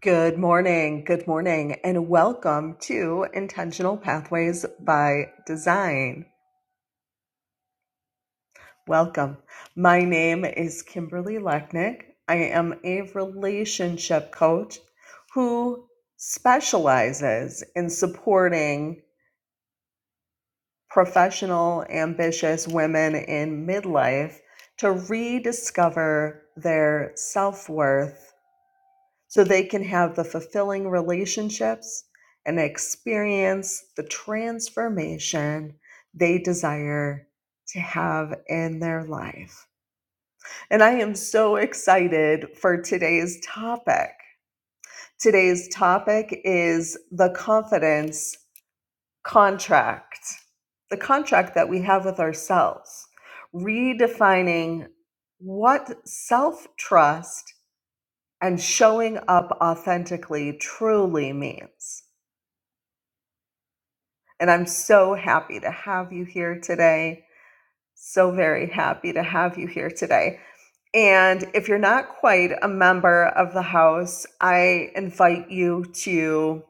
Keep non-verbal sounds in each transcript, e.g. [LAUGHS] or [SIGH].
Good morning. Good morning. And welcome to Intentional Pathways by Design. Welcome. My name is Kimberly Lechnick. I am a relationship coach who specializes in supporting professional, ambitious women in midlife to rediscover their self worth so they can have the fulfilling relationships and experience the transformation they desire to have in their life. And I am so excited for today's topic. Today's topic is the confidence contract, the contract that we have with ourselves, redefining what self trust and showing up authentically truly means. And I'm so happy to have you here today. So very happy to have you here today. And if you're not quite a member of the house, I invite you to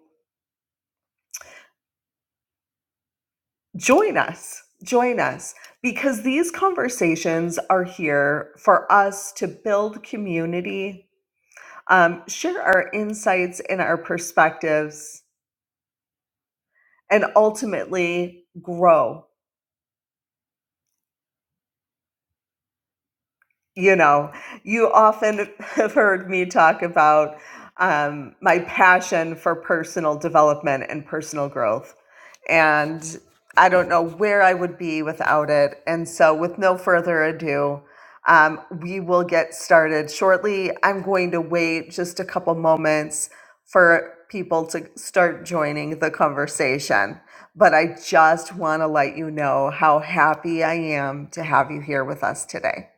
join us. Join us because these conversations are here for us to build community, um, share our insights and our perspectives, and ultimately grow you know, you often [LAUGHS] have heard me talk about um, my passion for personal development and personal growth. And I don't know where I would be without it. And so, with no further ado, um, we will get started shortly. I'm going to wait just a couple moments for people to start joining the conversation. But I just want to let you know how happy I am to have you here with us today.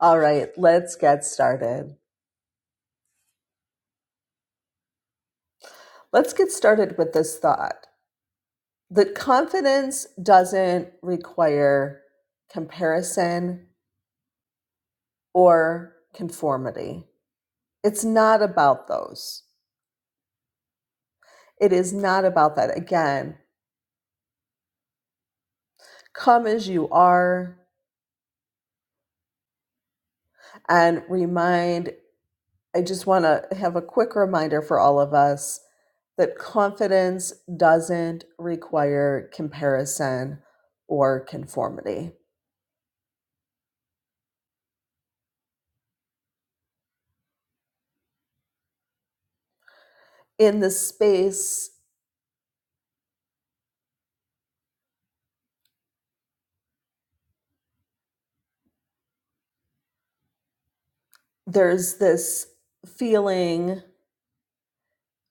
All right, let's get started. Let's get started with this thought that confidence doesn't require comparison or conformity. It's not about those. It is not about that. Again, come as you are and remind I just want to have a quick reminder for all of us that confidence doesn't require comparison or conformity. In this space, there's this feeling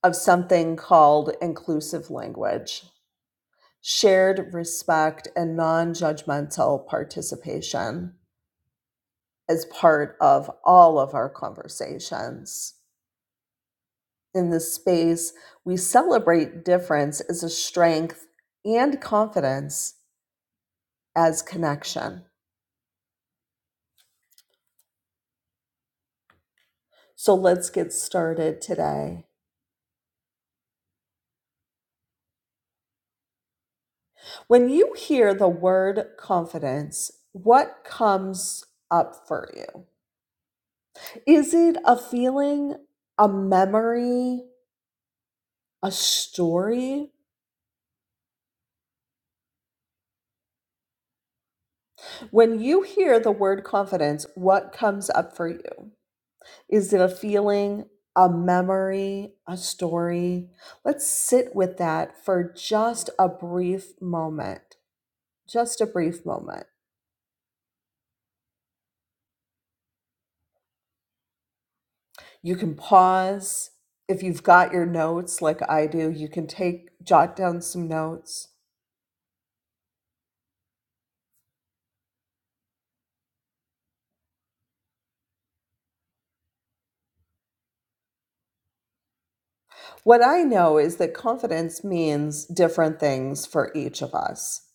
of something called inclusive language, shared respect, and non judgmental participation as part of all of our conversations. in this space, we celebrate difference as a strength and confidence as connection. So let's get started today. When you hear the word confidence, what comes up for you? Is it a feeling, a memory, a story? When you hear the word confidence, what comes up for you? Is it a feeling, a memory, a story? Let's sit with that for just a brief moment. Just a brief moment. You can pause. If you've got your notes like I do, you can take, jot down some notes. What I know is that confidence means different things for each of us.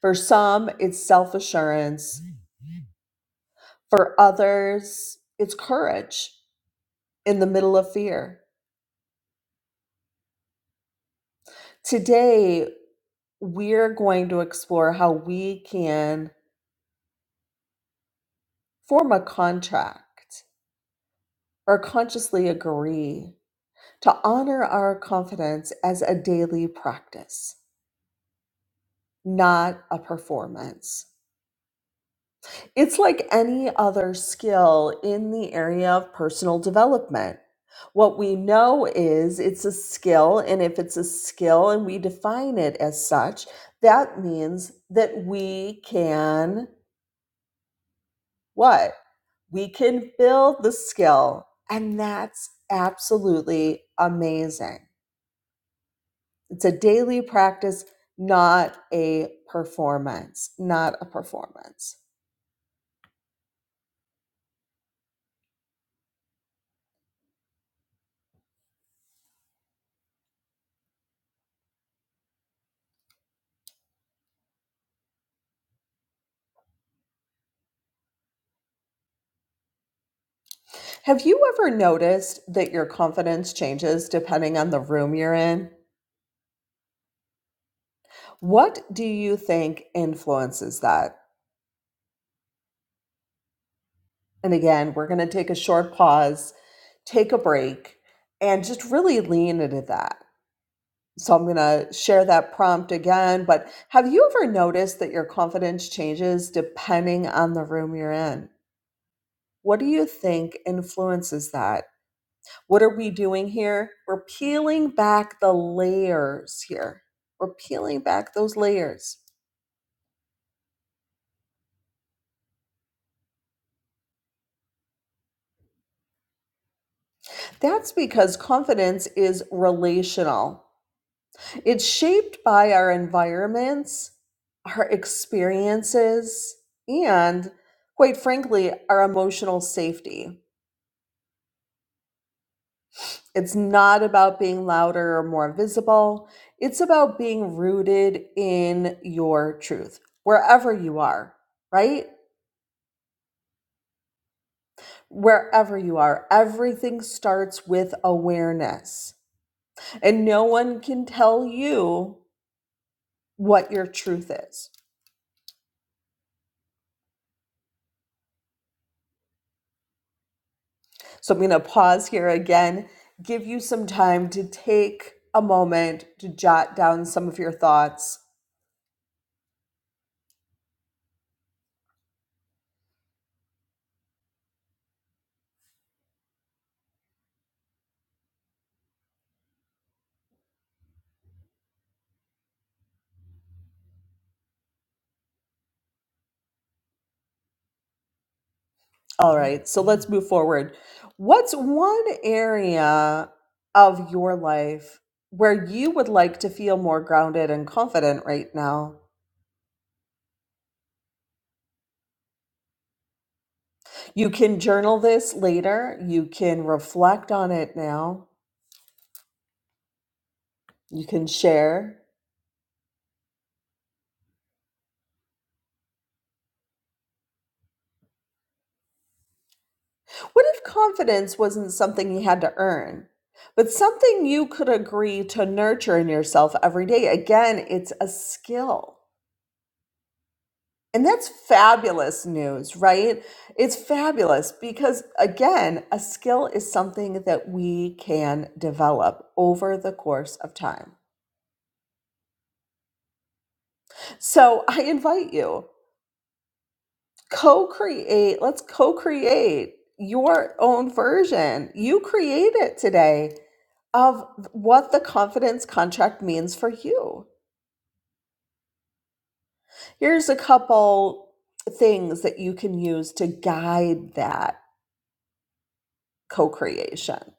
For some, it's self assurance. For others, it's courage in the middle of fear. Today, we're going to explore how we can form a contract or consciously agree to honor our confidence as a daily practice, not a performance. It's like any other skill in the area of personal development. What we know is it's a skill, and if it's a skill and we define it as such, that means that we can what? we can build the skill and that's absolutely amazing it's a daily practice not a performance not a performance have you ever noticed that your confidence changes depending on the room you're in what do you think influences that and again we're going to take a short pause take a break and just really lean into that So I'm going to share that prompt again. But have you ever noticed that your confidence changes depending on the room you're in? What do you think influences that? What are we doing here? We're peeling back the layers here. We're peeling back those layers. That's because confidence is relational. It's shaped by our environments, our experiences, and quite frankly, our emotional safety. It's not about being louder or more visible. It's about being rooted in your truth, wherever you are, right? Wherever you are, everything starts with awareness. And no one can tell you what your truth is. So I'm going to pause here again, give you some time to take a moment to jot down some of your thoughts All right, so let's move forward. What's one area of your life where you would like to feel more grounded and confident right now? You can journal this later, you can reflect on it now, you can share. What if confidence wasn't something you had to earn, but something you could agree to nurture in yourself every day? Again, it's a skill. And that's fabulous news, right? It's fabulous because, again, a skill is something that we can develop over the course of time. So I invite you, co create, let's co create your own version. You create it today of what the confidence contract means for you. Here's a couple things that you can use to guide that co creation.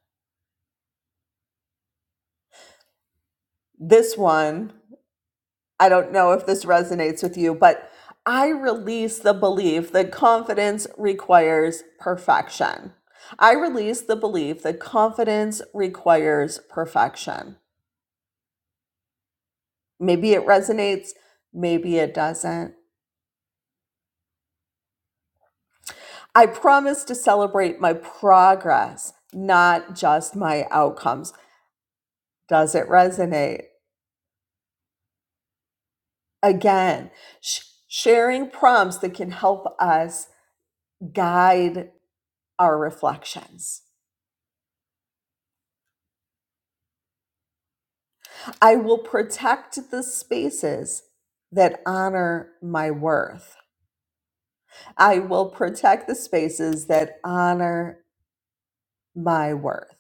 This one I don't know if this resonates with you, but I release the belief that confidence requires perfection. I release the belief that confidence requires perfection. Maybe it resonates, maybe it doesn't. I promise to celebrate my progress, not just my outcomes. Does it resonate? Again, sh- sharing prompts that can help us guide our reflections. I will protect the spaces that honor my worth. I will protect the spaces that honor my worth.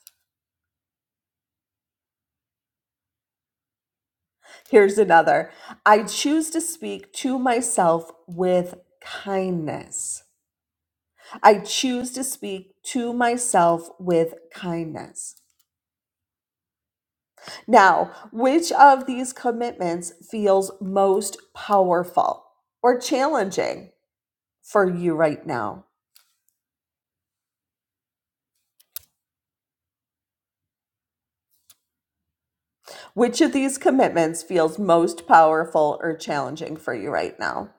Here's another I choose to speak to myself with kindness. I choose to speak to myself with kindness. Now, which of these commitments feels most powerful or challenging for you right now? Which of these commitments feels most powerful or challenging for you right now?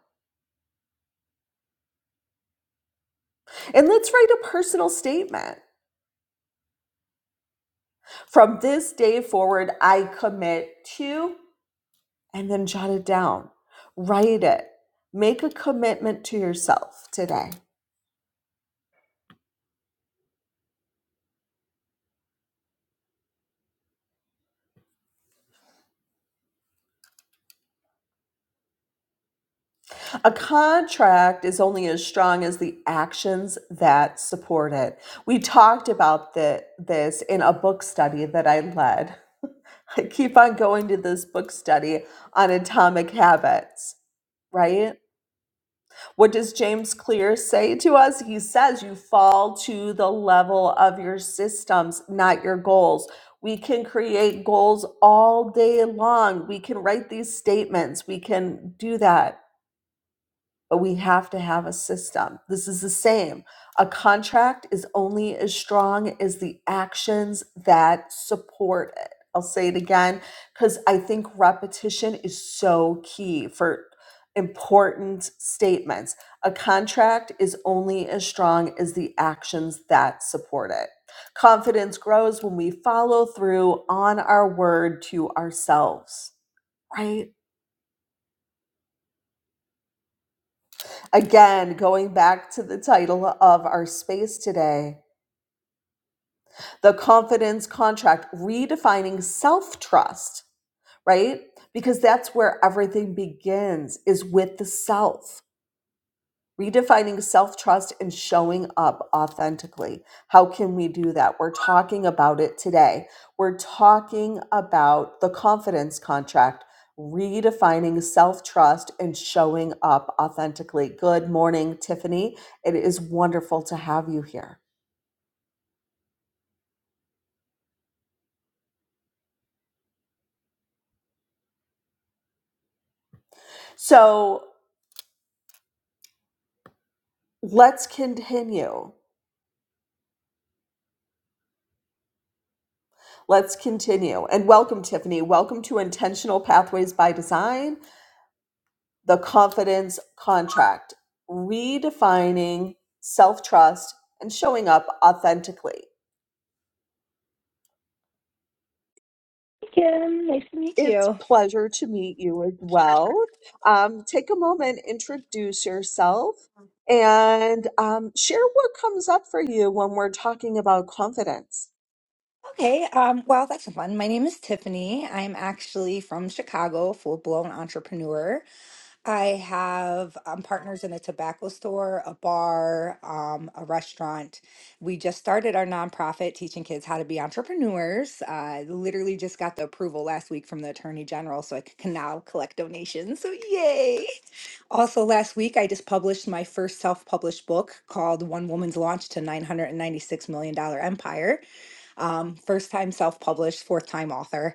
And let's write a personal statement. From this day forward, I commit to, and then jot it down. Write it. Make a commitment to yourself today. A contract is only as strong as the actions that support it. We talked about the, this in a book study that I led [LAUGHS] I keep on going to this book study on atomic habits, right? What does James Clear say to us? He says you fall to the level of your systems, not your goals. We can create goals all day long. We can write these statements. We can do that but we have to have a system. This is the same. A contract is only as strong as the actions that support it. I'll say it again because I think repetition is so key for important statements. A contract is only as strong as the actions that support it. Confidence grows when we follow through on our word to ourselves, right? Again, going back to the title of our space today, the confidence contract, redefining self trust, right? Because that's where everything begins, is with the self redefining self trust and showing up authentically. How can we do that? We're talking about it today. We're talking about the confidence contract, redefining self trust and showing up authentically. Good morning, Tiffany. It is wonderful to have you here. So let's continue. Let's continue. And welcome, Tiffany. Welcome to Intentional Pathways by Design. the confidence contract, redefining self trust and showing up authentically. Kim, nice to meet It's you. pleasure to meet you as well. Um, take a moment, introduce yourself, and um, share what comes up for you when we're talking about confidence. Okay, um, well, that's fun. My name is Tiffany. I'm actually from Chicago, full-blown entrepreneur. I have um, partners in a tobacco store, a bar, um, a restaurant. We just started our nonprofit teaching kids how to be entrepreneurs. I literally just got the approval last week from the Attorney General, so I c- can now collect donations. So, yay! Also, last week, I just published my first self published book called One Woman's Launch to $996 Million Dollar Empire. Um, first time self published, fourth time author.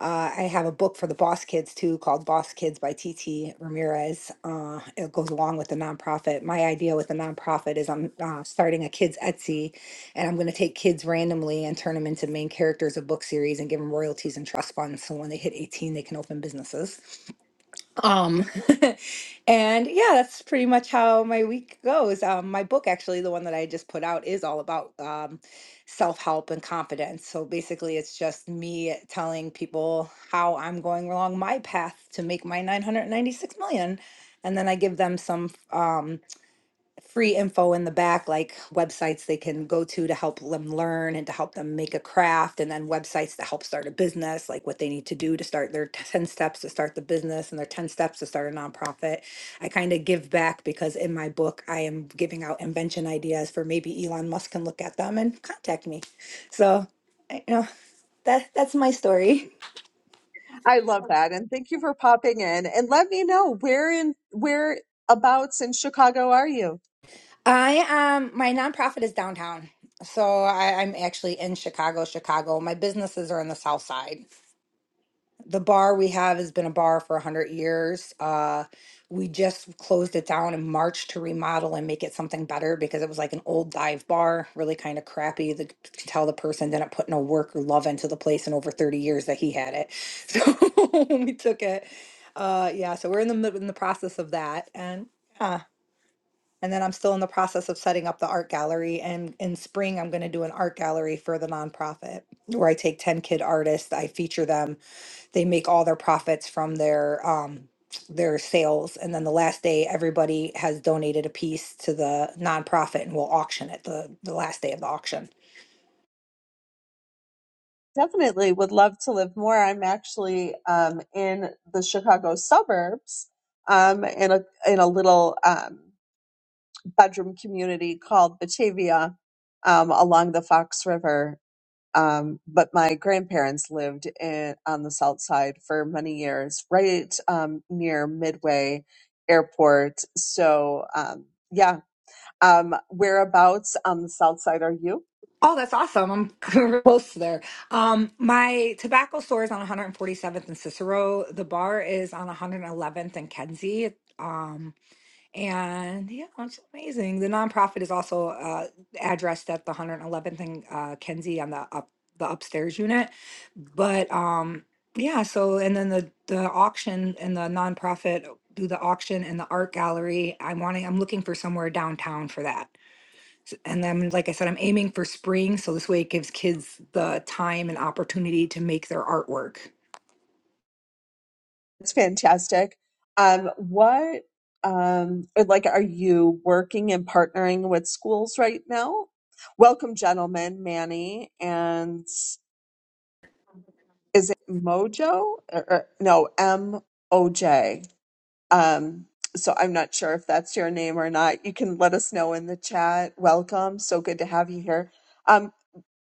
Uh, I have a book for the Boss Kids too called Boss Kids by T. T. Ramirez. Uh, it goes along with the nonprofit. My idea with the nonprofit is I'm uh, starting a kids' Etsy and I'm going to take kids randomly and turn them into main characters of book series and give them royalties and trust funds. So when they hit 18, they can open businesses. Um, [LAUGHS] and yeah, that's pretty much how my week goes. Um, my book, actually, the one that I just put out, is all about um, self help and confidence. So basically, it's just me telling people how I'm going along my path to make my 996 million. And then I give them some. Um, free info in the back, like websites they can go to to help them learn and to help them make a craft, and then websites to help start a business, like what they need to do to start their 10 steps to start the business and their 10 steps to start a nonprofit. I kind of give back because in my book, I am giving out invention ideas for maybe Elon Musk can look at them and contact me. So, I- you know, that, that's my story. I love that. And thank you for popping in. And let me know where in whereabouts in Chicago are you? I um my nonprofit is downtown. So I, I'm actually in Chicago, Chicago. My businesses are in the south side. The bar we have has been a bar for 100 years. Uh, we just closed it down in March to remodel and make it something better because it was like an old dive bar, really kind of crappy. The, to tell the person didn't put no work or love into the place in over 30 years that he had it. [LAUGHS] So [LAUGHS] we took it. Uh, yeah, so we're in the mid- in the process of that, and yeah, and then I'm still in the process of setting up the art gallery. And in spring, I'm going to do an art gallery for the nonprofit where I take 10 kid artists, I feature them they make all their profits from their um their sales and then the last day everybody has donated a piece to the nonprofit and will auction it the the last day of the auction Definitely would love to live more. I'm actually um, in the Chicago suburbs um, in a in a little um, bedroom community called Batavia um, along the Fox River. Um, but my grandparents lived in, on the south side for many years, right um, near Midway Airport. So um, yeah, Um, whereabouts on the south side are you? oh that's awesome i'm [LAUGHS] real close there um my tobacco store is on 147th and cicero the bar is on 111th and kenzie Um, And yeah, it's amazing. The nonprofit is also uh, addressed at the 111th and uh, Kenzie on the up the upstairs unit. But um, yeah, so and then the the auction and the nonprofit do the auction and the art gallery. I'm wanting I'm looking for somewhere downtown for that. And then like I said, I'm aiming for spring, so this way it gives kids the time and opportunity to make their artwork. It's fantastic. Um, what, um, like, are you working and partnering with schools right now? Welcome, gentlemen, Manny, and is it Mojo? Or, or- no, M O J. Um, so I'm not sure if that's your name or not. You can let us know in the chat. Welcome. So good to have you here. Um,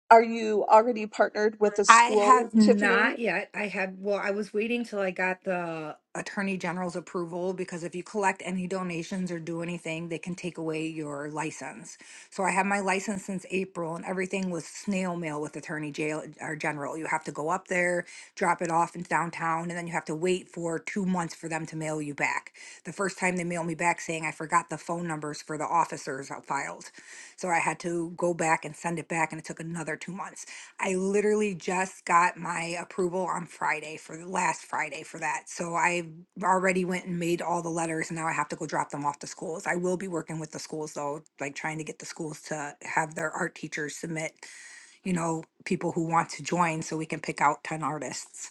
Are you already partnered with a I school, have Tiffany? not yet. I had, well, I was waiting till I got the Attorney General's approval because if you collect any donations or do anything, they can take away your license. So I had my license since April and everything was snail mail with Attorney Jail or General. You have to go up there, drop it off in downtown, and then you have to wait for two months for them to mail you back. The first time they mailed me back saying I forgot the phone numbers for the officers I filed. So I had to go back and send it back and it took another two months. I literally just got my approval on Friday for the last Friday for that. So I already went and made all the letters and now I have to go drop them off to schools. I will be working with the schools though, like trying to get the schools to have their art teachers submit, you know, people who want to join so we can pick out 10 artists.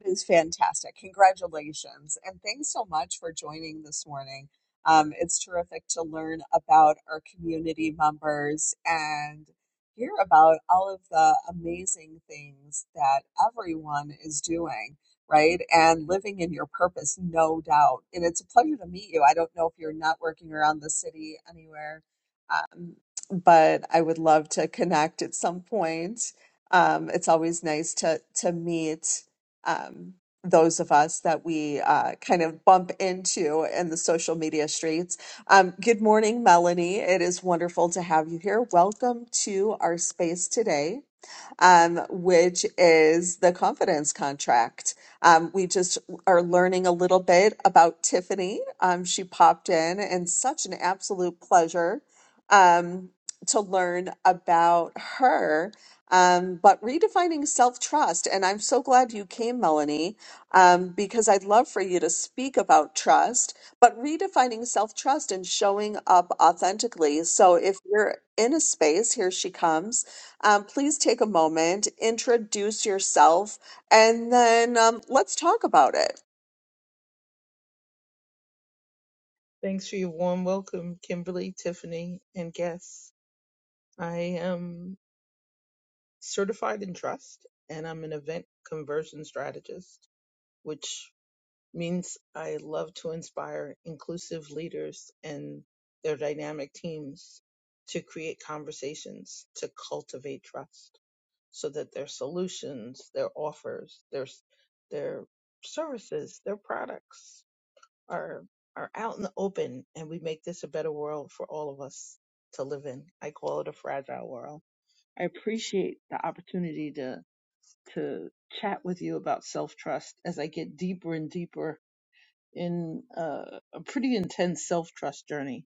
It is fantastic. Congratulations. And thanks so much for joining this morning. Um, it's terrific to learn about our community members and hear about all of the amazing things that everyone is doing, right? And living in your purpose, no doubt. And it's a pleasure to meet you. I don't know if you're networking around the city anywhere, um, but I would love to connect at some point. Um, it's always nice to to meet um, those of us that we uh, kind of bump into in the social media streets. Um, good morning, Melanie. It is wonderful to have you here. Welcome to our space today um, which is the confidence contract. Um, we just are learning a little bit about Tiffany. Um, she popped in, and such an absolute pleasure um, to learn about her. Um, but redefining self trust. And I'm so glad you came, Melanie, um, because I'd love for you to speak about trust, but redefining self trust and showing up authentically. So if you're in a space, here she comes um, please take a moment, introduce yourself, and then um, let's talk about it. Thanks for your warm welcome, Kimberly, Tiffany, and guests. I am certified in trust and I'm an event conversion strategist, which means I love to inspire inclusive leaders and their dynamic teams to create conversations to cultivate trust so that their solutions, their offers, their, their services, their products are are out in the open and we make this a better world for all of us to live in. I call it a fragile world. I appreciate the opportunity to to chat with you about self-trust as I get deeper and deeper in uh, a pretty intense self-trust journey.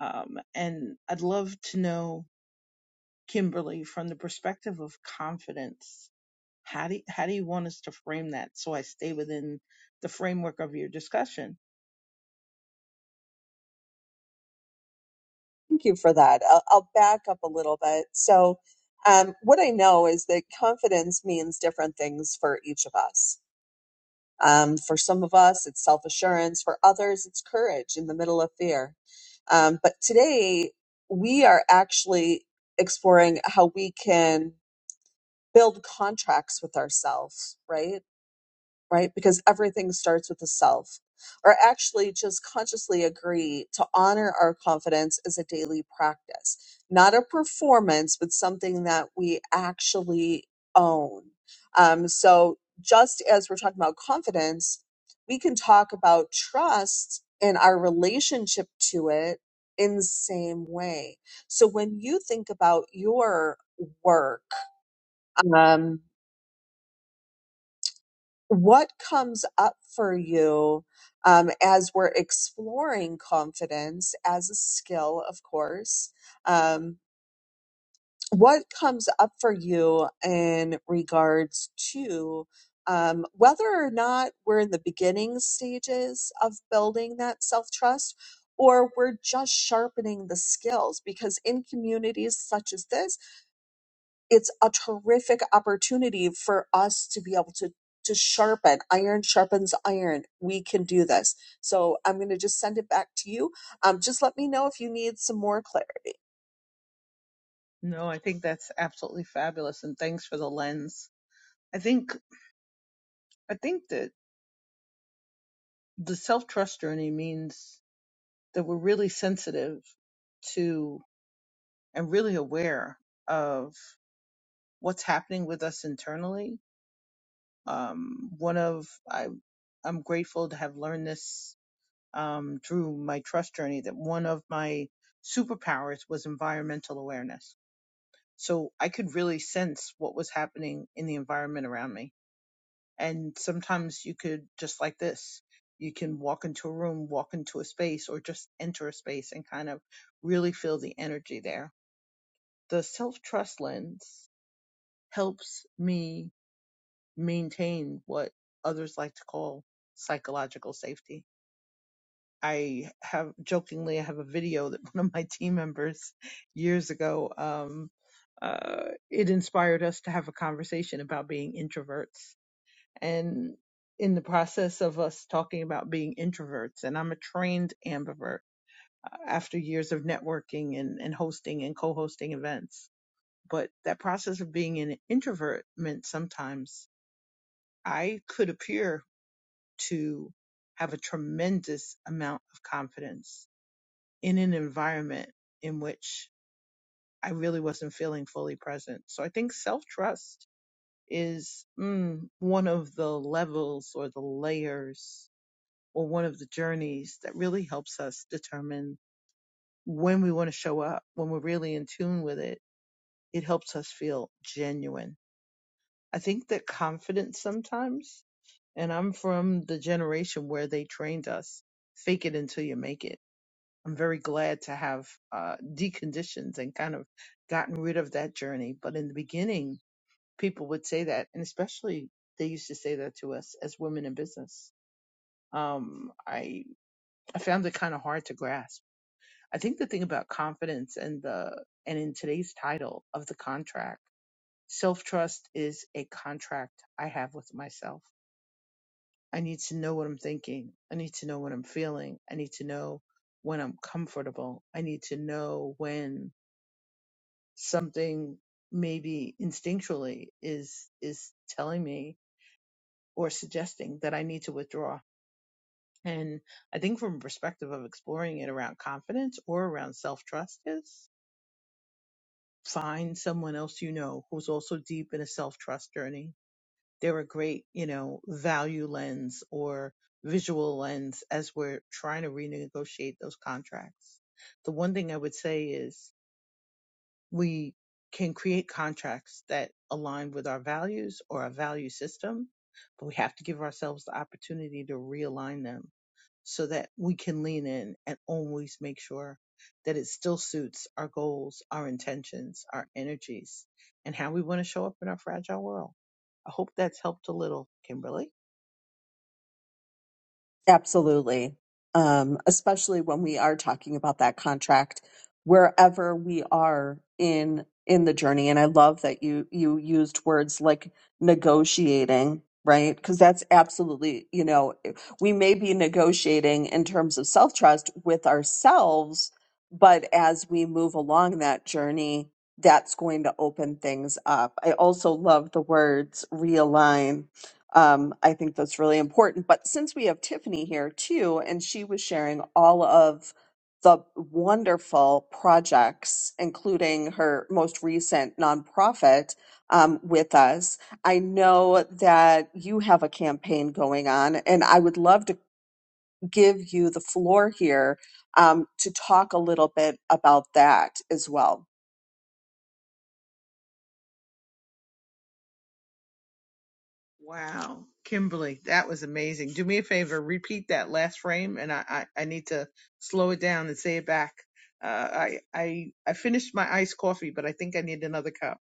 Um, and I'd love to know Kimberly from the perspective of confidence. How do how do you want us to frame that so I stay within the framework of your discussion? Thank you for that. I'll, I'll back up a little bit. So, um, what I know is that confidence means different things for each of us. Um, for some of us, it's self assurance. For others, it's courage in the middle of fear. Um, but today, we are actually exploring how we can build contracts with ourselves, right? right? Because everything starts with the self. Or actually, just consciously agree to honor our confidence as a daily practice, not a performance, but something that we actually own. Um, so, just as we're talking about confidence, we can talk about trust and our relationship to it in the same way. So, when you think about your work, um, what comes up for you um, as we're exploring confidence as a skill, of course? Um, what comes up for you in regards to um, whether or not we're in the beginning stages of building that self trust? Or we're just sharpening the skills because in communities such as this, it's a terrific opportunity for us to be able to to sharpen iron sharpens iron we can do this so i'm going to just send it back to you um, just let me know if you need some more clarity. No, I think that's absolutely fabulous, and thanks for the lens. I think I think that the self trust journey means that we're really sensitive to and really aware of what's happening with us internally. Um, one of I I'm grateful to have learned this um, through my trust journey that one of my superpowers was environmental awareness So I could really sense what was happening in the environment around me. And sometimes you could, just like this, you can walk into a room, walk into a space, or just enter a space and kind of really feel the energy there. The self trust lens helps me maintain what others like to call psychological safety I have jokingly I have a video that [LAUGHS] one of my team members years ago um uh it inspired us to have a conversation about being introverts and in the process of us talking about being introverts and I'm a trained ambivert uh, after years of networking and and hosting and co-hosting events but that process of being an introvert meant sometimes I could appear to have a tremendous amount of confidence in an environment in which I really wasn't feeling fully present. So I think self trust is mm, one of the levels or the layers or one of the journeys that really helps us determine when we want to show up, when we're really in tune with it. It helps us feel genuine. I think that confidence sometimes, and I'm from the generation where they trained us fake it until you make it I'm very glad to have uh, deconditioned and kind of gotten rid of that journey. But in the beginning, people would say that, and especially they used to say that to us as women in business. Um, I I found it kind of hard to grasp. I think the thing about confidence and the and in today's title of the contract, self trust is a contract I have with myself. I need to know what I'm thinking. I need to know what I'm feeling. I need to know when I'm comfortable. I need to know when something maybe instinctually is is telling me or suggesting that I need to withdraw. And I think from a perspective of exploring it around confidence or around self trust is find someone else you know who's also deep in a self trust journey. They're a great, you know, value lens or visual lens as we're trying to renegotiate those contracts. The one thing I would say is we can create contracts that align with our values or our value system, but we have to give ourselves the opportunity to realign them so that we can lean in and always make sure that it still suits our goals, our intentions, our energies, and how we want to show up in our fragile world. I hope that's helped a little, Kimberly. Absolutely. Um, especially when we are talking about that contract, wherever we are in in the journey. And I love that you you used words like negotiating, right? Because that's absolutely, you know, eh, we may be negotiating in terms of self trust with ourselves, but as we move along that journey, that's going to open things up. I also love the words realign um, I think that's really important. But since we have Tiffany here too, and she was sharing all of the wonderful projects, including her most recent nonprofit um, with us, I know that you have a campaign going on, and I would love to give you the floor here um, to talk a little bit about that as well. Wow, Kimberly, that was amazing. Do me a favor, repeat that last frame, and I I, I need to slow it down and say it back. Uh, I I I finished my iced coffee, but I think I need another cup.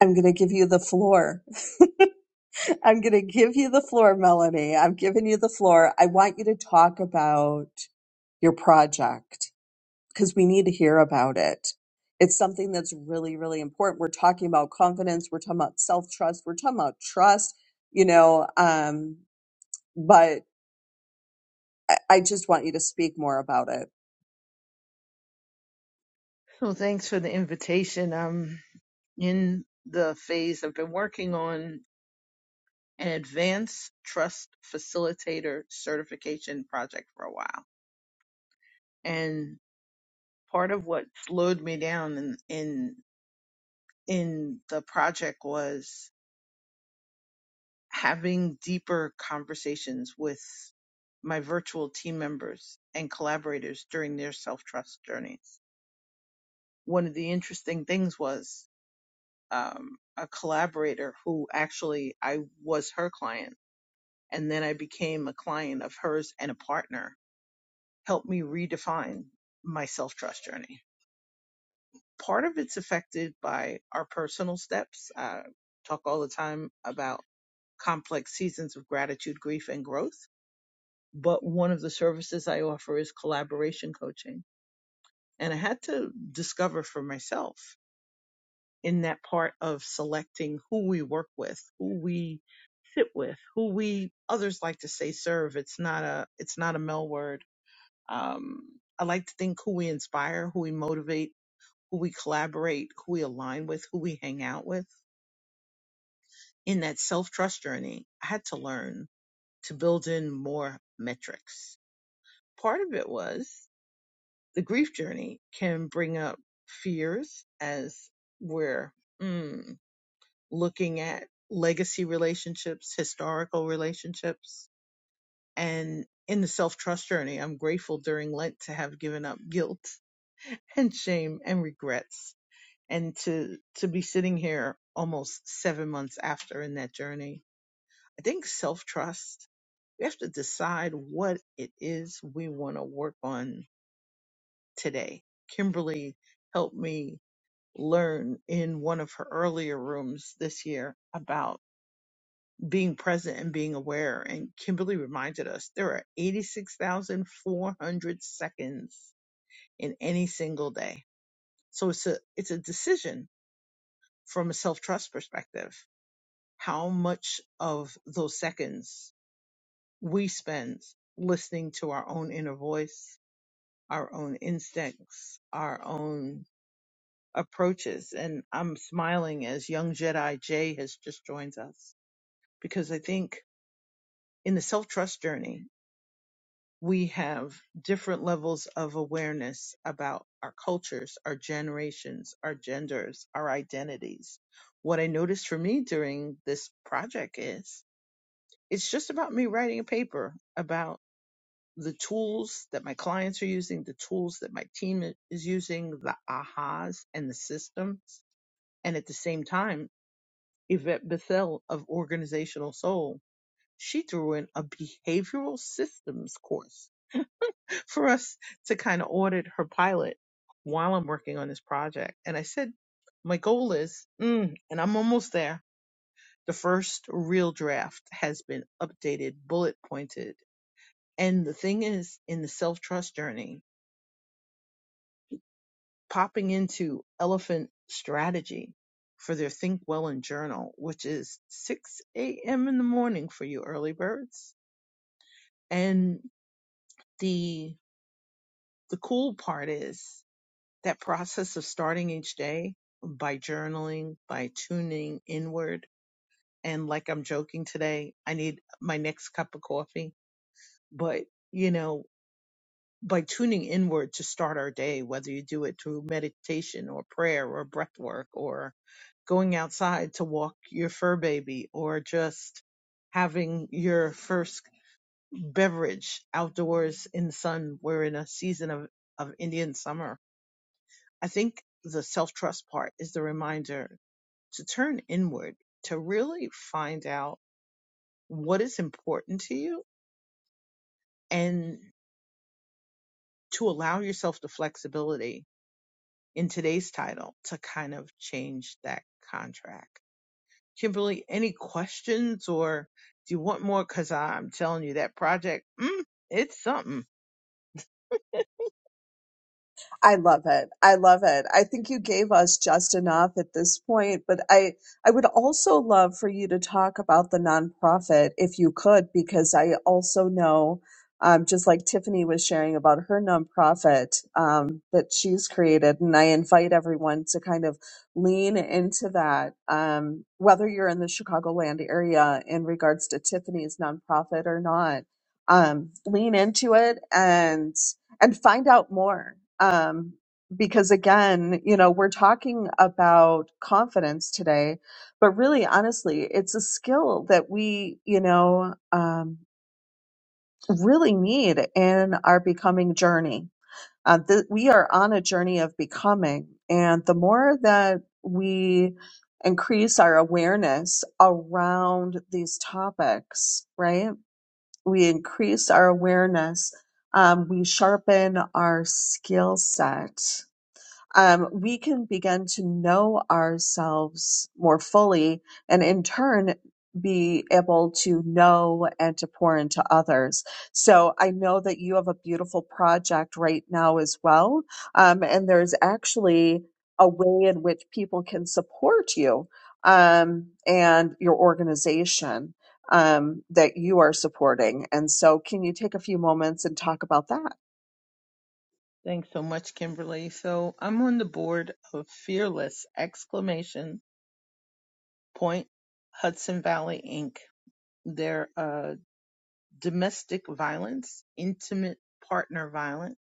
I'm going to give you the floor. I'm going to give you the floor, Melanie. I'm giving you the floor. I want you to talk about your project because we need to hear about it. It's something that's really, really important. We're talking about confidence. We're talking about self trust. We're talking about trust, you know, um, but I I just want you to speak more about it. So thanks for the invitation. I'm in the phase I've been working on an advanced trust facilitator certification project for a while, and part of what slowed me down in in in the project was having deeper conversations with my virtual team members and collaborators during their self trust journeys. One of the interesting things was um, a collaborator who actually I was her client and then I became a client of hers and a partner helped me redefine my self trust journey. Part of it's affected by our personal steps. I talk all the time about complex seasons of gratitude, grief, and growth but one of the services I offer is collaboration coaching. And I had to discover for myself in that part of selecting who we work with, who we sit with, who we others like to say serve. It's not a it's not a male word. Um, I like to think who we inspire, who we motivate, who we collaborate, who we align with, who we hang out with. In that self trust journey, I had to learn to build in more metrics. Part of it was the grief journey can bring up fears as we're mm, looking at legacy relationships, historical relationships, and in the self trust journey, I'm grateful during Lent to have given up guilt [LAUGHS] and shame and regrets and to, to be sitting here almost seven months after in that journey. I think self trust, we have to decide what it is we want to work on today. Kimberly helped me learn in one of her earlier rooms this year about being present and being aware. And Kimberly reminded us there are 86,400 seconds in any single day. So it's a, it's a decision from a self trust perspective, how much of those seconds we spend listening to our own inner voice, our own instincts, our own approaches. And I'm smiling as young Jedi Jay has just joined us because I think in the self trust journey, we have different levels of awareness about our cultures, our generations, our genders, our identities. What I noticed for me during this project is it's just about me writing a paper about the tools that my clients are using, the tools that my team i- is using, the ahas and the systems. And at the same time, Yvette Bethel of Organizational Soul she threw in a behavioral systems course for us to kind of audit her pilot while I'm working on this project. And I said, my goal is, mm, and I'm almost there. The first real draft has been updated, bullet pointed. And the thing is, in the self trust journey, popping into elephant strategy for their Think Well and Journal, which is 6 a.m. in the morning for you early birds. And the the cool part is that process of starting each day by journaling, by tuning inward. And like I'm joking today, I need my next cup of coffee. But, you know, by tuning inward to start our day, whether you do it through meditation or prayer or breath work or going outside to walk your fur baby or just having your first beverage outdoors in the sun. We're in a season of, of Indian summer I think the self trust part is the reminder to turn inward, to really find out what is important to you and to allow yourself the flexibility in today's title to kind of change that contract. Kimberly, any questions or do you want more? Cause I'm telling you that project, mm, it's something. I love it. I love it. I think you gave us just enough at this point, but I I would also love for you to talk about the nonprofit if you could, because I also know, um, just like Tiffany was sharing about her nonprofit um, that she's created, and I invite everyone to kind of lean into that, um, whether you're in the Chicagoland area in regards to Tiffany's nonprofit or not. Um, lean into it and and find out more. Um, because again, you know, we're talking about confidence today, but really, honestly, it's a skill that we, you know, um, really need in our becoming journey. Uh, th- we are on a journey of becoming, and the more that we increase our awareness around these topics, right? we increase our awareness, um, we sharpen our skill set um, we can begin to know ourselves more fully and in turn be able to know and to pour into others. So I know that you have a beautiful project right now as well. Um, and there's actually a way in which people can support you um, and your organization um, that you are supporting. And so, can you take a few moments and talk about that? [LAUGHS] Thanks so much, Kimberly. So I'm on the board of Fearless exclamation point Hudson Valley Inc. their uh, domestic violence, intimate partner violence,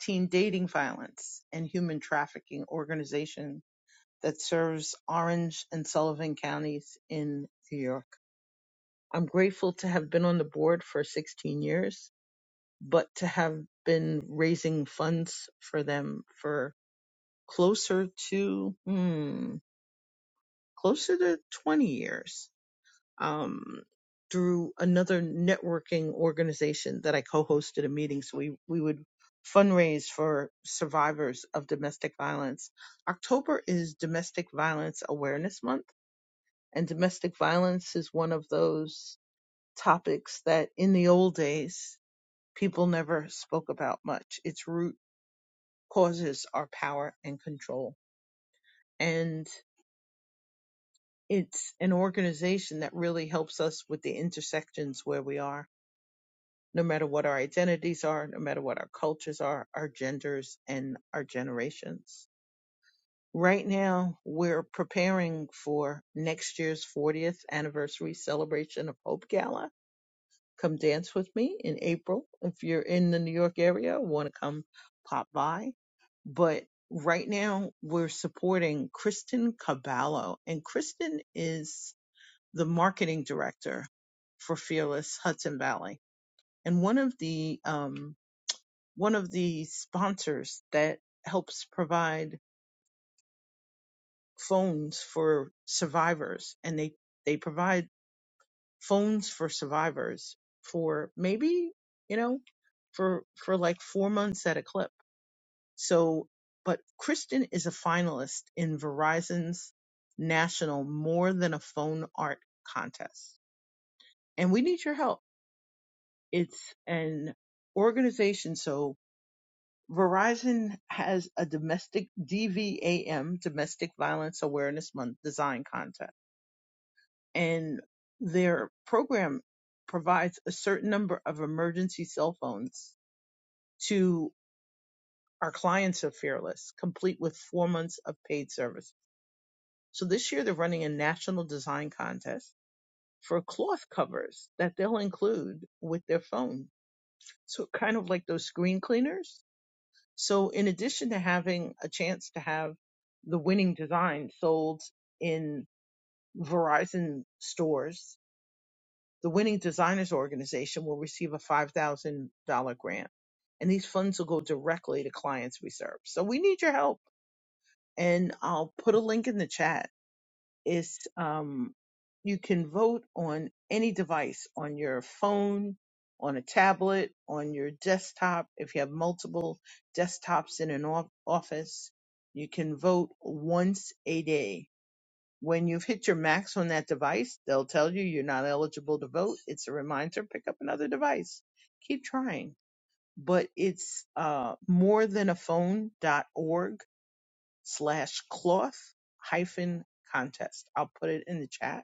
teen dating violence, and human trafficking organization that serves Orange and Sullivan counties in New York. I'm grateful to have been on the board for 16 years, but to have been raising funds for them for closer to, hmm, closer to 20 years um, through another networking organization that I co-hosted a meeting. So we, we would fundraise for survivors of domestic violence. October is domestic violence awareness month and domestic violence is one of those topics that in the old days people never spoke about much. Its root causes are power and control. And it's an organization that really helps us with the intersections where we are no matter what our identities are, no matter what our cultures are, our genders, and our generations. Right now, we're preparing for next year's 40th anniversary celebration of Hope Gala. Come dance with me in April. If you're in the New York area, want to come pop by. But right now, we're supporting Kristen Caballo, and Kristen is the marketing director for Fearless Hudson Valley. And one of the um. one of the sponsors that helps provide phones for survivors and they they provide phones for survivors for maybe you know for for like 4 months at a clip so but Kristen is a finalist in Verizon's national more than a phone art contest and we need your help it's an organization so Verizon has a domestic DVAM, Domestic Violence Awareness Month design contest. And their program provides a certain number of emergency cell phones to our clients of Fearless, complete with four months of paid service. So this year they're running a national design contest for cloth covers that they'll include with their phone. So kind of like those screen cleaners So in addition to having a chance to have the winning design sold in Verizon stores, the winning designers organization will receive a $5,000 grant and these funds will go directly to clients we serve. So we need your help and I'll put a link in the chat is um, you can vote on any device on your phone, on a tablet, on your desktop. If you have multiple desktops in an off- office, you can vote once a day. When you've hit your max on that device, they'll tell you you're not eligible to vote. It's a reminder, pick up another device. Keep trying. But it's uh, more than a phone dot org slash cloth hyphen contest. I'll put it in the chat.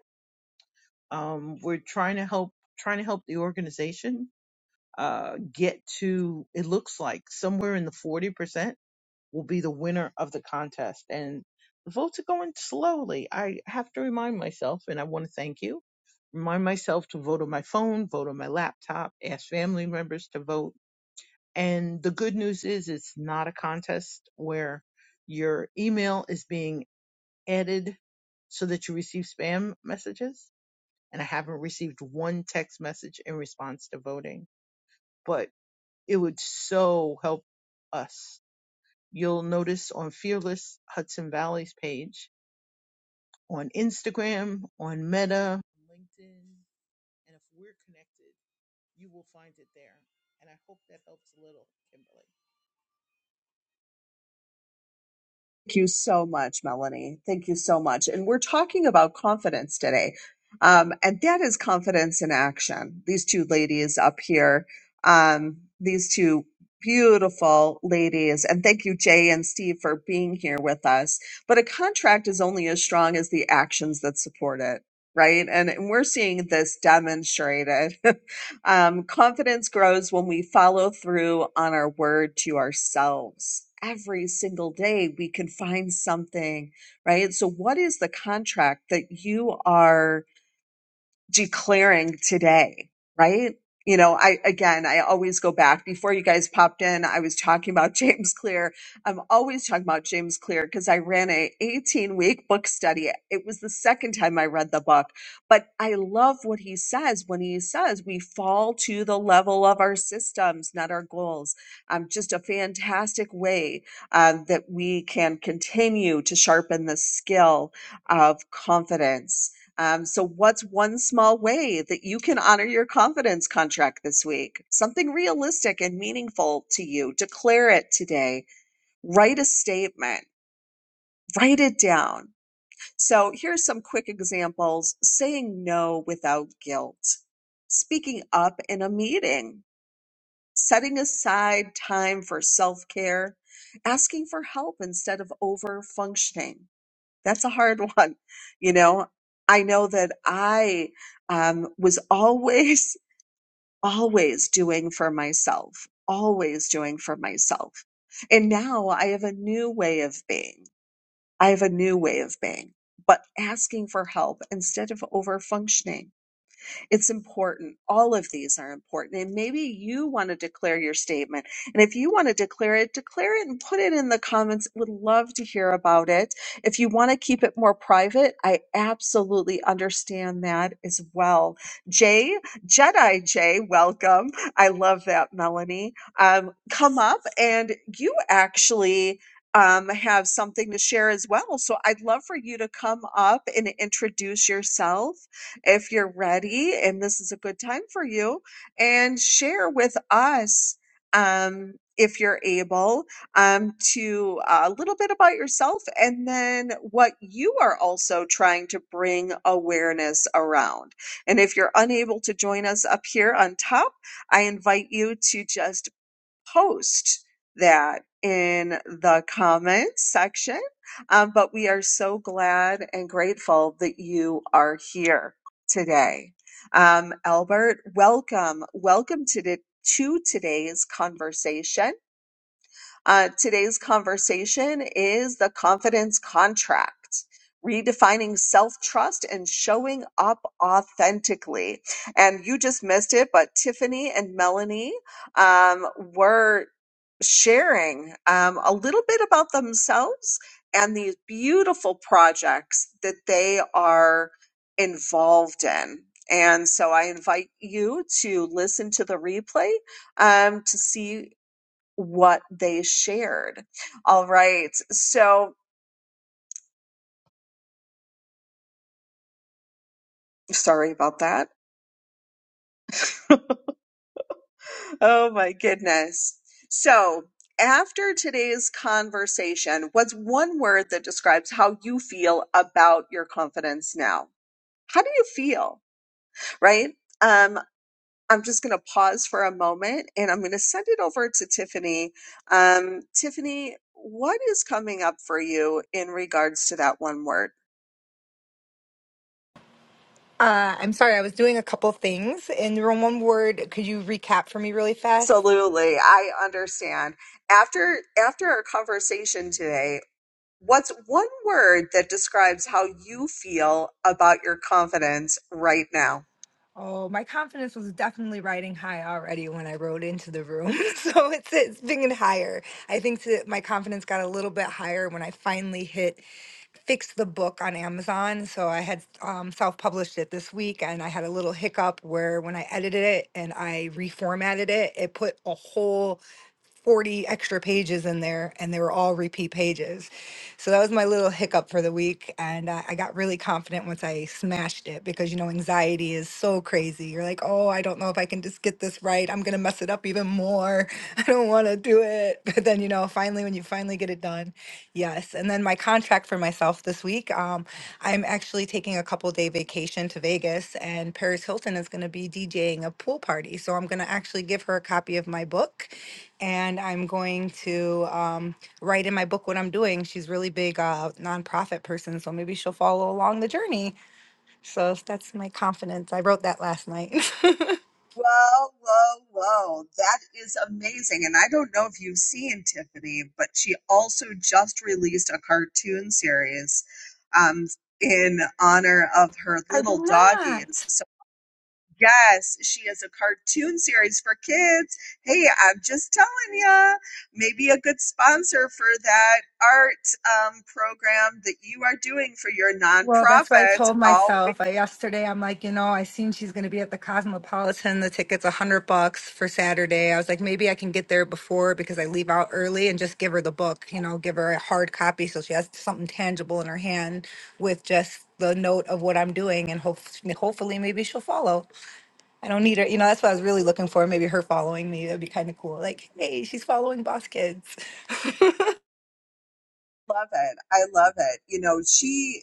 Um, we're trying to help, trying to help the organization, uh, get to, it looks like somewhere in the 40% will be the winner of the contest. And the votes are going slowly. I have to remind myself, and I want to thank you. Remind myself to vote on my phone, vote on my laptop, ask family members to vote. And the good news is it's not a contest where your email is being added so that you receive spam messages. And I haven't received one text message in response to voting, but it would so help us. You'll notice on Fearless Hudson Valley's page, on Instagram, on Meta, LinkedIn, and if we're connected, you will find it there. And I hope that helps a little, Kimberly. Thank you so much, Melanie. Thank you so much. And we're talking about confidence today. Um, and that is confidence in action. These two ladies up here, um, these two beautiful ladies. And thank you, Jay and Steve, for being here with us. But a contract is only as strong as the actions that support it, right? And, and we're seeing this demonstrated [LAUGHS] Um, confidence grows when we follow through on our word to ourselves. Every single day, we can find something, right? So, what is the contract that you are? declaring today, right? You know, I again, I always go back before you guys popped in. I was talking about [LAUGHS] James Clear. I'm always talking about James Clear because I ran a 18 week book study. It was the second time I read the book, but I love what he says when he says we fall to the level of our systems, not our goals. Um, just a fantastic way um, that we can continue to sharpen the skill of confidence um, so, what's one small way that you can honor your confidence contract this week? Something realistic and meaningful to you. Declare it today. Write a statement. Write it down. So, here's some quick examples saying no without guilt, speaking up in a meeting, setting aside time for self care, asking for help instead of over functioning that's a hard [LAUGHS] one. You know, I know that I um, was always, [LAUGHS] always doing for myself, always doing for myself. And now I have a new way of being. I have a new way of being, but asking for help instead of over functioning it's important. All of these are important. And maybe you want to declare your statement. And if you want to declare it, declare it and put it in the comments. Would love to hear about it. If you want to keep it more private, I absolutely understand that as well. Jay, Jedi Jay, welcome. I love that, Melanie. Um, come up and you actually um, have something to share as well. So I'd love for you to come up and introduce yourself if you're ready and this is a good time for you and share with us um, if you're able um, to uh, a little bit about yourself and then what you are also trying to bring awareness around and if you're unable to join us up here on top i invite you to just post that in the comments section. Um, but we are so glad and grateful that you are here today. Um, Albert, welcome. Welcome to, the, to today's conversation. Uh, today's conversation is the confidence contract. Redefining self trust and showing up authentically. And you just missed it, but Tiffany and Melanie um, were sharing um, a little bit about themselves and these beautiful projects that they are involved in. And so I invite you to listen to the replay um, to see what they shared. All right. So sorry about that. [LAUGHS] oh my goodness. So after today's conversation, what's one word that describes how you feel about your confidence now? How do you feel? Right? Um, I'm just going to pause for a moment and I'm going to send it over to Tiffany. Um, Tiffany, what is coming up for you in regards to that one word? Uh, I'm sorry, I was doing a couple things. In your one word, could you recap for me really fast? Absolutely. I understand. After after our conversation today, what's one word that describes how you feel about your confidence right now? Oh, my confidence was definitely riding high already when I rode into the room. [LAUGHS] So it's it's been higher. I think that my confidence got a little bit higher when I finally hit fix the book on Amazon. So I had um, self-published it this week and I had a little hiccup where when I edited it and I reformatted it, it put a whole 40 extra pages in there and they were all repeat pages. So that was my little hiccup for the week. And uh, I got really confident once I smashed it because, you know, anxiety is so crazy. You're like, oh, I don't know if I can just get this right. I'm going to mess it up even more. [LAUGHS] I don't want to do it. [LAUGHS] But then, you know, finally, when you finally get it done, yes. And then my contract for myself this week, um, I'm actually taking a couple day vacation to Vegas and Paris Hilton is going to be DJing a pool party. So I'm going to actually give her a copy of my book and I'm going to um, write in my book what I'm doing. She's really big uh, nonprofit person, so maybe she'll follow along the journey. So that's my confidence. I wrote that last night. [LAUGHS] Whoa, whoa, whoa. That is amazing. And I don't know if you've seen Tiffany, but she also just released a cartoon series um, in honor of her I did little doggies. not. so Yes, she is a cartoon series for kids. Hey, I'm just telling ya, maybe a good sponsor for that art um, program that you are doing for your Well, that's what I nonprofit. told Always myself. I, yesterday, I'm like, you know, I seen she's going to be at the Cosmopolitan. The ticket's a hundred bucks for Saturday. I was like, maybe I can get there before because I leave out early and just give her the book. You know, give her a hard copy so she has something tangible in her hand with just the note of what I'm doing, and hope, hopefully, maybe she'll follow. I don't need her. You know, that's what I was really looking for. Maybe her following me. That'd be kind of cool. Like, hey, she's following Boss Kids. love it. I love it. You know, she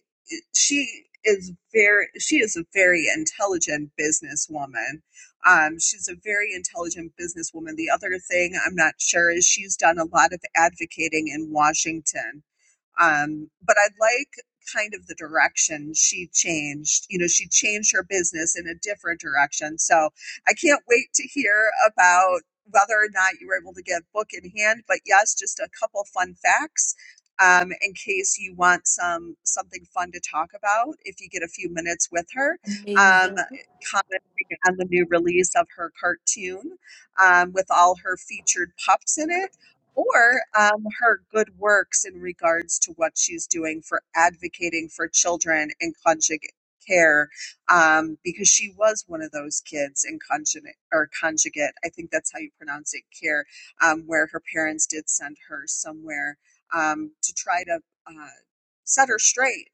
she is very she is a very intelligent businesswoman. Um, she's a very intelligent businesswoman. The other thing I'm not sure is she's done a lot of advocating in Washington um, but I like kind of the direction she changed. You know, she changed her business in a different direction. So I can't wait to hear about whether or not you were able to get book in hand. But yes, just a couple fun facts. Um, in case you want some something fun to talk about, if you get a few minutes with her, Amazing. um, commenting on the new release of her cartoon um, with all her featured pups in it, or um, her good works in regards to what she's doing for advocating for children in conjugate care um, because she was one of those kids in conjugate or conjugate i think that's how you pronounce it care um, where her parents did send her somewhere um, to try to uh, set her straight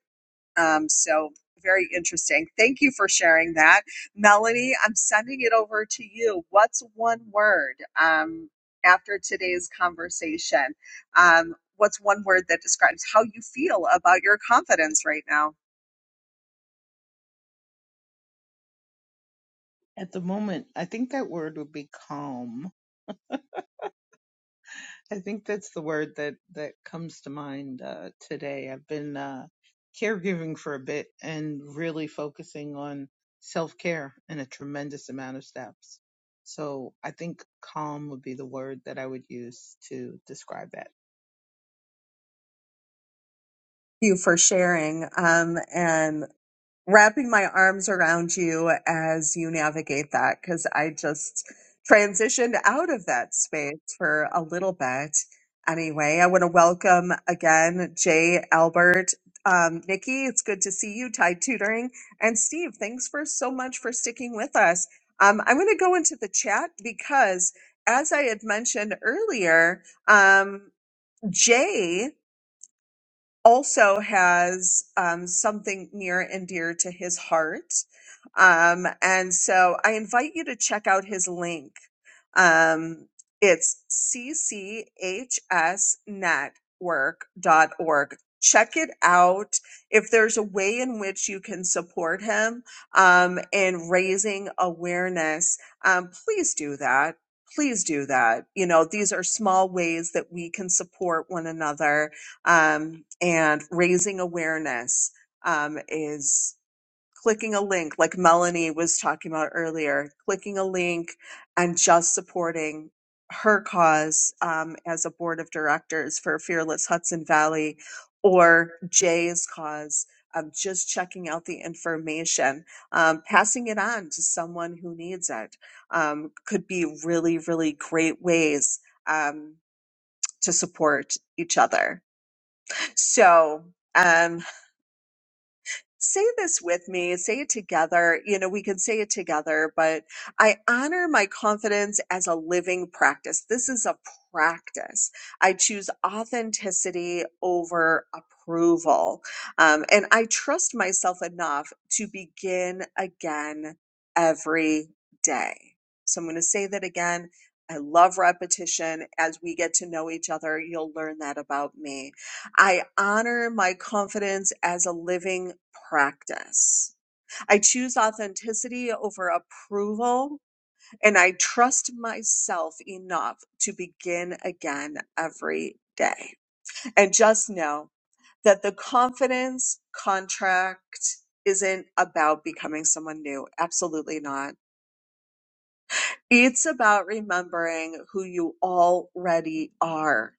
um, so very interesting. Thank you for sharing that. Melanie, I'm sending it over to you. What's one word um, after today's conversation? Um, what's one word that describes how you feel about your confidence right now? At the moment, I think that word would be calm I think that's the word that that comes to mind uh, today. I've been uh, caregiving for a bit and really focusing on self care in a tremendous amount of steps. So I think calm would be the word that I would use to describe that. Thank you for sharing. Um, and wrapping my arms around you as you navigate that because I just transitioned out of that space for a little bit. Anyway, I want to welcome again Jay Albert. Um, Nikki, it's good to see you, Tide Tutoring. And Steve, thanks for so much for sticking with us. Um, I'm going to go into the chat because, as I had mentioned earlier, um, Jay also has um, something near and dear to his heart. Um, and so I invite you to check out his link. Um, it's c c h s network dot org. Check it out. If there's a way in which you can support him um, in raising awareness, um, please do that. Please do that. You know, these are small ways that we can support one another um, and raising awareness um, is clicking a link like melanie was talking about earlier clicking a link and just supporting her cause um, as a board of directors for fearless hudson valley or jay's cause um, just checking out the information um, passing it on to someone who needs it um, could be really really great ways um, to support each other so um, say this with me, say it together. You know, we can say it together, but I honor my confidence as a living practice. This is a practice. I choose authenticity over approval. Um, and I trust myself enough to begin again every day. So I'm going to say that again. I love repetition. As we get to know each other, you'll learn that about me. I honor my confidence as a living practice. I choose authenticity over approval, and I trust myself enough to begin again every day. And just know that the confidence contract isn't about becoming someone new. Absolutely not. It's about remembering who you already are.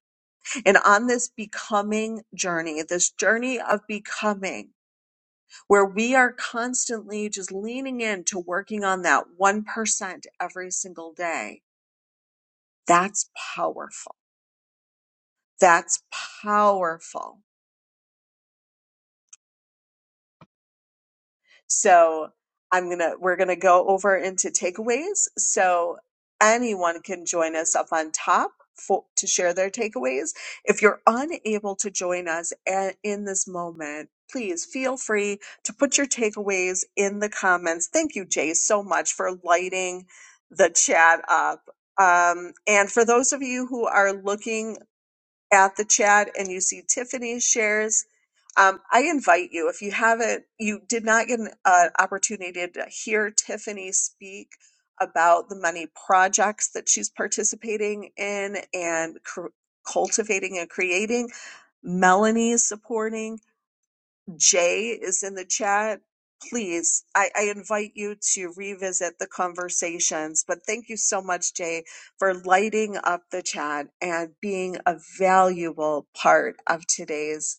And on this becoming journey, this journey of becoming, where we are constantly just leaning into working on that 1% every single day. That's powerful. That's powerful. So I'm gonna we're gonna go over into takeaways. So anyone can join us up on top for, to share their takeaways. If you're unable to join us a- in this moment, please feel free to put your takeaways in the comments. Thank you, Jay, so much for lighting the chat up. Um, and for those of you who are looking at the chat and you see Tiffany shares, um, I invite you, if you haven't, you did not get an uh, opportunity to hear Tiffany speak about the many projects that she's participating in and cr- cultivating and creating. Melanie is supporting. Jay is in the chat. Please, I, I invite you to revisit the conversations. But thank you so much, Jay, for lighting up the chat and being a valuable part of today's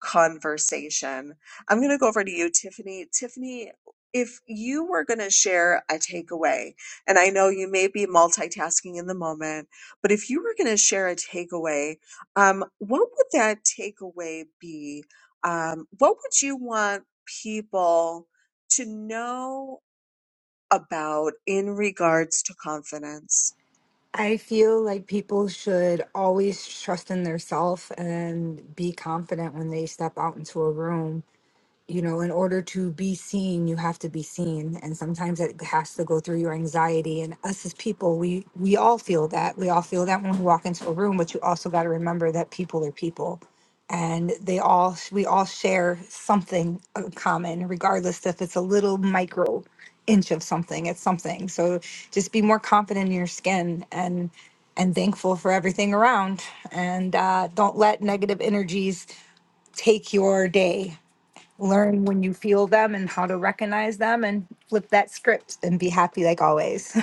conversation. I'm going to go over to you, Tiffany. Tiffany, if you were going to share a takeaway, and I know you may be multitasking in the moment, but if you were going to share a takeaway, um, what would that takeaway be? Um, what would you want people to know about in regards to confidence? I feel like people should always trust in their self and be confident when they step out into a room you know in order to be seen you have to be seen and sometimes it has to go through your anxiety and us as people we we all feel that we all feel that when we walk into a room but you also got to remember that people are people and they all we all share something in common regardless if it's a little micro inch of something it's something so just be more confident in your skin and and thankful for everything around and uh, don't let negative energies take your day learn when you feel them and how to recognize them and flip that script and be happy like always.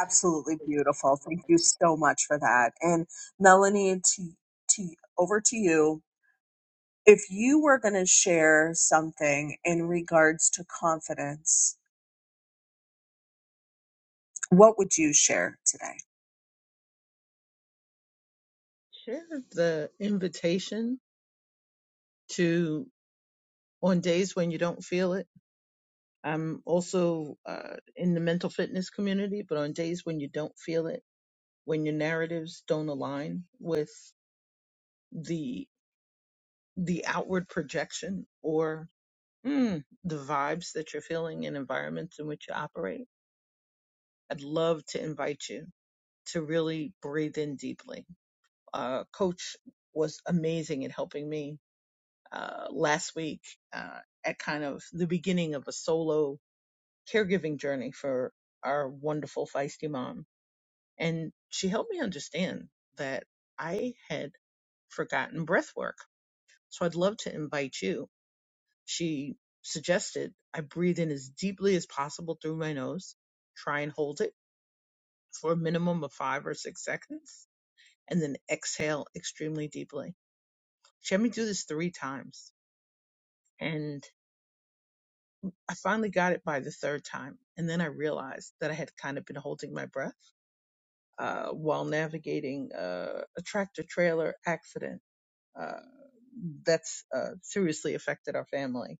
Absolutely beautiful. Thank you so much for that. And Melanie, to, to over to you. If you were going to share something in regards to confidence, what would you share today? Thank Sure. The invitation to on days when you don't feel it. I'm also uh, in the mental fitness community, but on days when you don't feel it, when your narratives don't align with the the outward projection or mm, the vibes that you're feeling in environments in which you operate, I'd love to invite you to really breathe in deeply. Uh, Coach was amazing at helping me uh, last week uh, at kind of the beginning of a solo caregiving journey for our wonderful feisty mom. And she helped me understand that I had forgotten breath work. So I'd love to invite you. She suggested I breathe in as deeply as possible through my nose, try and hold it for a minimum of five or six seconds, and then exhale extremely deeply. She had me do this three times. And I finally got it by the third time. And then I realized that I had kind of been holding my breath. uh, while navigating uh, a tractor trailer accident uh, that's uh, seriously affected our family.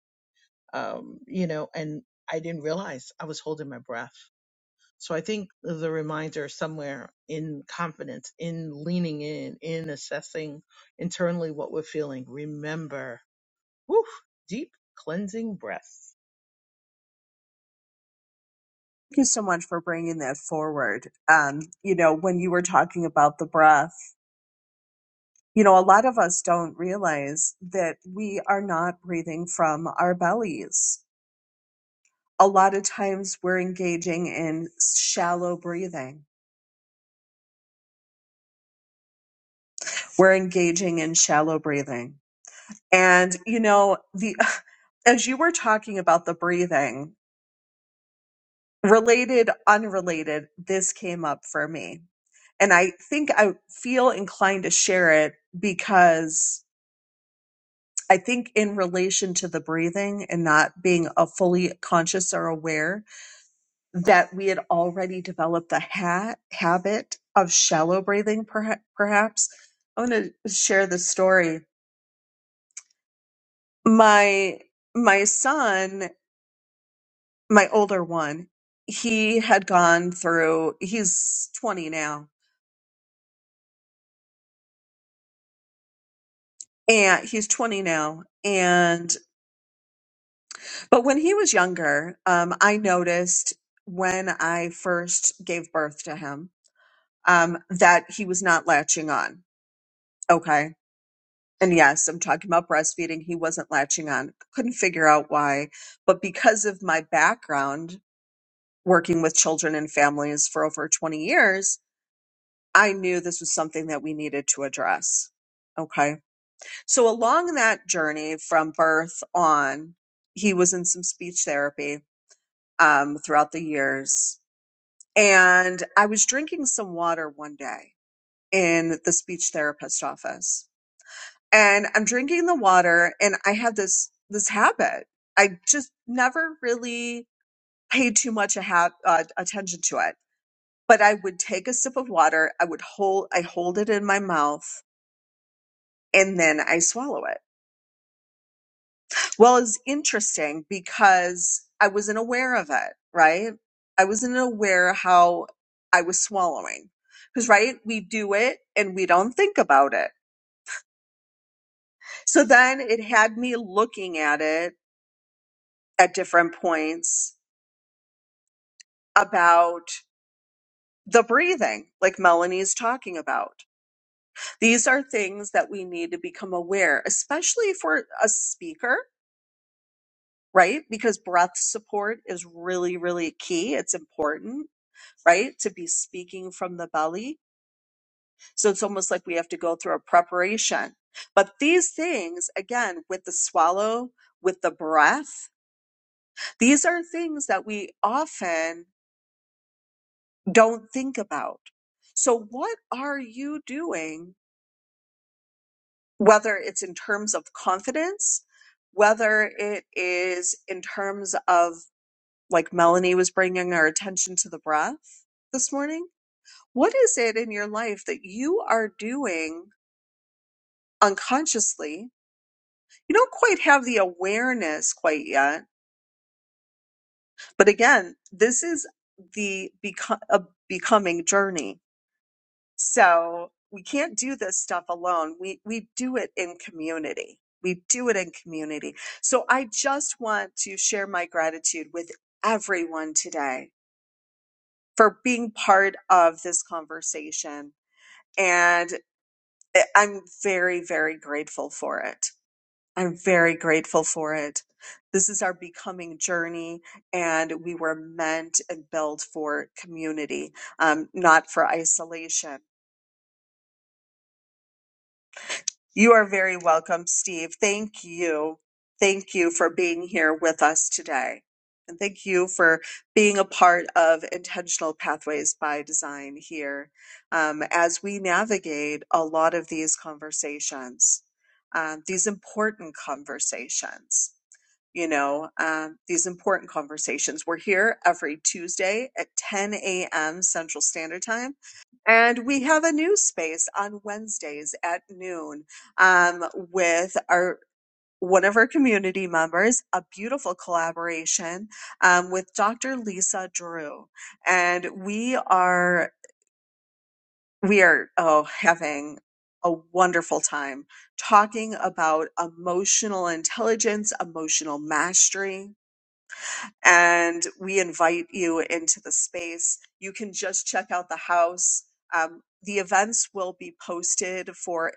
Um, you know, and I didn't realize I was holding my breath. So I think the reminder somewhere in confidence, in leaning in, in assessing internally what we're feeling. Remember, whew, deep cleansing breaths. you so much for bringing that forward. Um, you know, when you were talking about the breath, you know, a lot of us don't realize that we are not breathing from our bellies. A lot of times we're engaging in shallow breathing. We're engaging in shallow breathing. And, you know, the, [LAUGHS] as you were talking about the breathing, related, unrelated, this came up for me. And I think I feel inclined to share it because I think in relation to the breathing and not being a fully conscious or aware that we had already developed the ha- habit of shallow breathing perha- perhaps. I want to share the story. My my son, my older one, he had gone through he's 20 now and he's 20 now and but when he was younger um i noticed when i first gave birth to him um that he was not latching on okay and yes i'm talking about breastfeeding he wasn't latching on couldn't figure out why but because of my background working with children and families for over 20 years i knew this was something that we needed to address okay So along that journey from birth on, he was in some speech therapy um, throughout the years. And I was drinking some water one day in the speech therapist office. And I'm drinking the water and I have this this habit. I just never really paid too much a ha- uh, attention to it. But I would take a sip of water, I would hold I hold it in my mouth and then I swallow it Well, it's interesting because I wasn't aware of it, right? I wasn't aware how I was swallowing. Because, right, we do it and we don't think about it. So then it had me looking at it at different points about the breathing, like Melanie's talking about. These are things that we need to become aware, especially if we're a speaker, right? Because breath support is really, really key. It's important right? To be speaking from the belly. So it's almost like we have to go through a preparation. But these things, again, with the swallow, with the breath, these are things that we often don't think about. So what are you doing, whether it's in terms of confidence, whether it is in terms of like Melanie was bringing our attention to the breath this morning? What is it in your life that you are doing unconsciously. You don't quite have the awareness quite yet. But again, this is the beco- a becoming journey. So we can't do this stuff alone. We, we do it in community. We do it in community. So I just want to share my gratitude with everyone today for being part of this conversation. And I- I'm very, very grateful for it. I'm very grateful for it. This is our becoming journey, and we were meant and built for community, um, not for isolation. You are very welcome, Steve. Thank you. Thank you for being here with us today. And thank you for being a part of Intentional Pathways by Design here um, as we navigate a lot of these conversations, um, these important conversations. you know, um, these important conversations. We're here every Tuesday at 10 a.m. Central Standard Time. And we have a new space on Wednesdays at noon um, with our one of our community members, a beautiful collaboration um, with Dr. Lisa Drew. And we are we are oh having a wonderful time talking about emotional intelligence, emotional mastery, and we invite you into the space. You can just check out the house. Um, the events will be posted for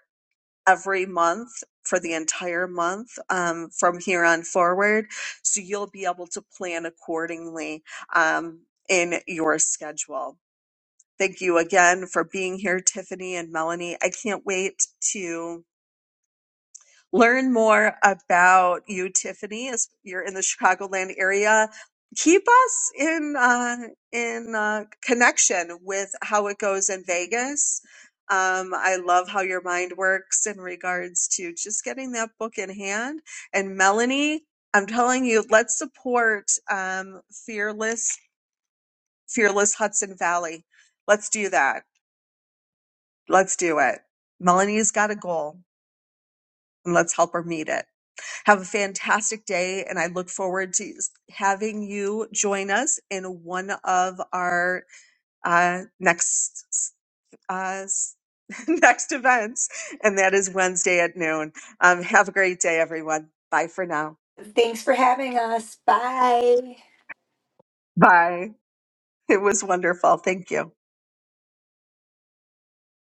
every month for the entire month um, from here on forward. So you'll be able to plan accordingly um, in your schedule. Thank you again for being here, Tiffany and Melanie. I can't wait to learn more about you, Tiffany, as you're in the Chicagoland area. Keep us in uh, in uh, connection with how it goes in Vegas. Um, I love how your mind works in regards to just getting that book in hand. And Melanie, I'm telling you, let's support um, Fearless Fearless Hudson Valley. Let's do that. Let's do it. Melanie's got a goal, and let's help her meet it. Have a fantastic day, and I look forward to having you join us in one of our uh, next uh, [LAUGHS] next events, and that is Wednesday at noon. Um, have a great day, everyone. Bye for now. [LAUGHS] Thanks for having us. Bye. Bye. It was wonderful. Thank you.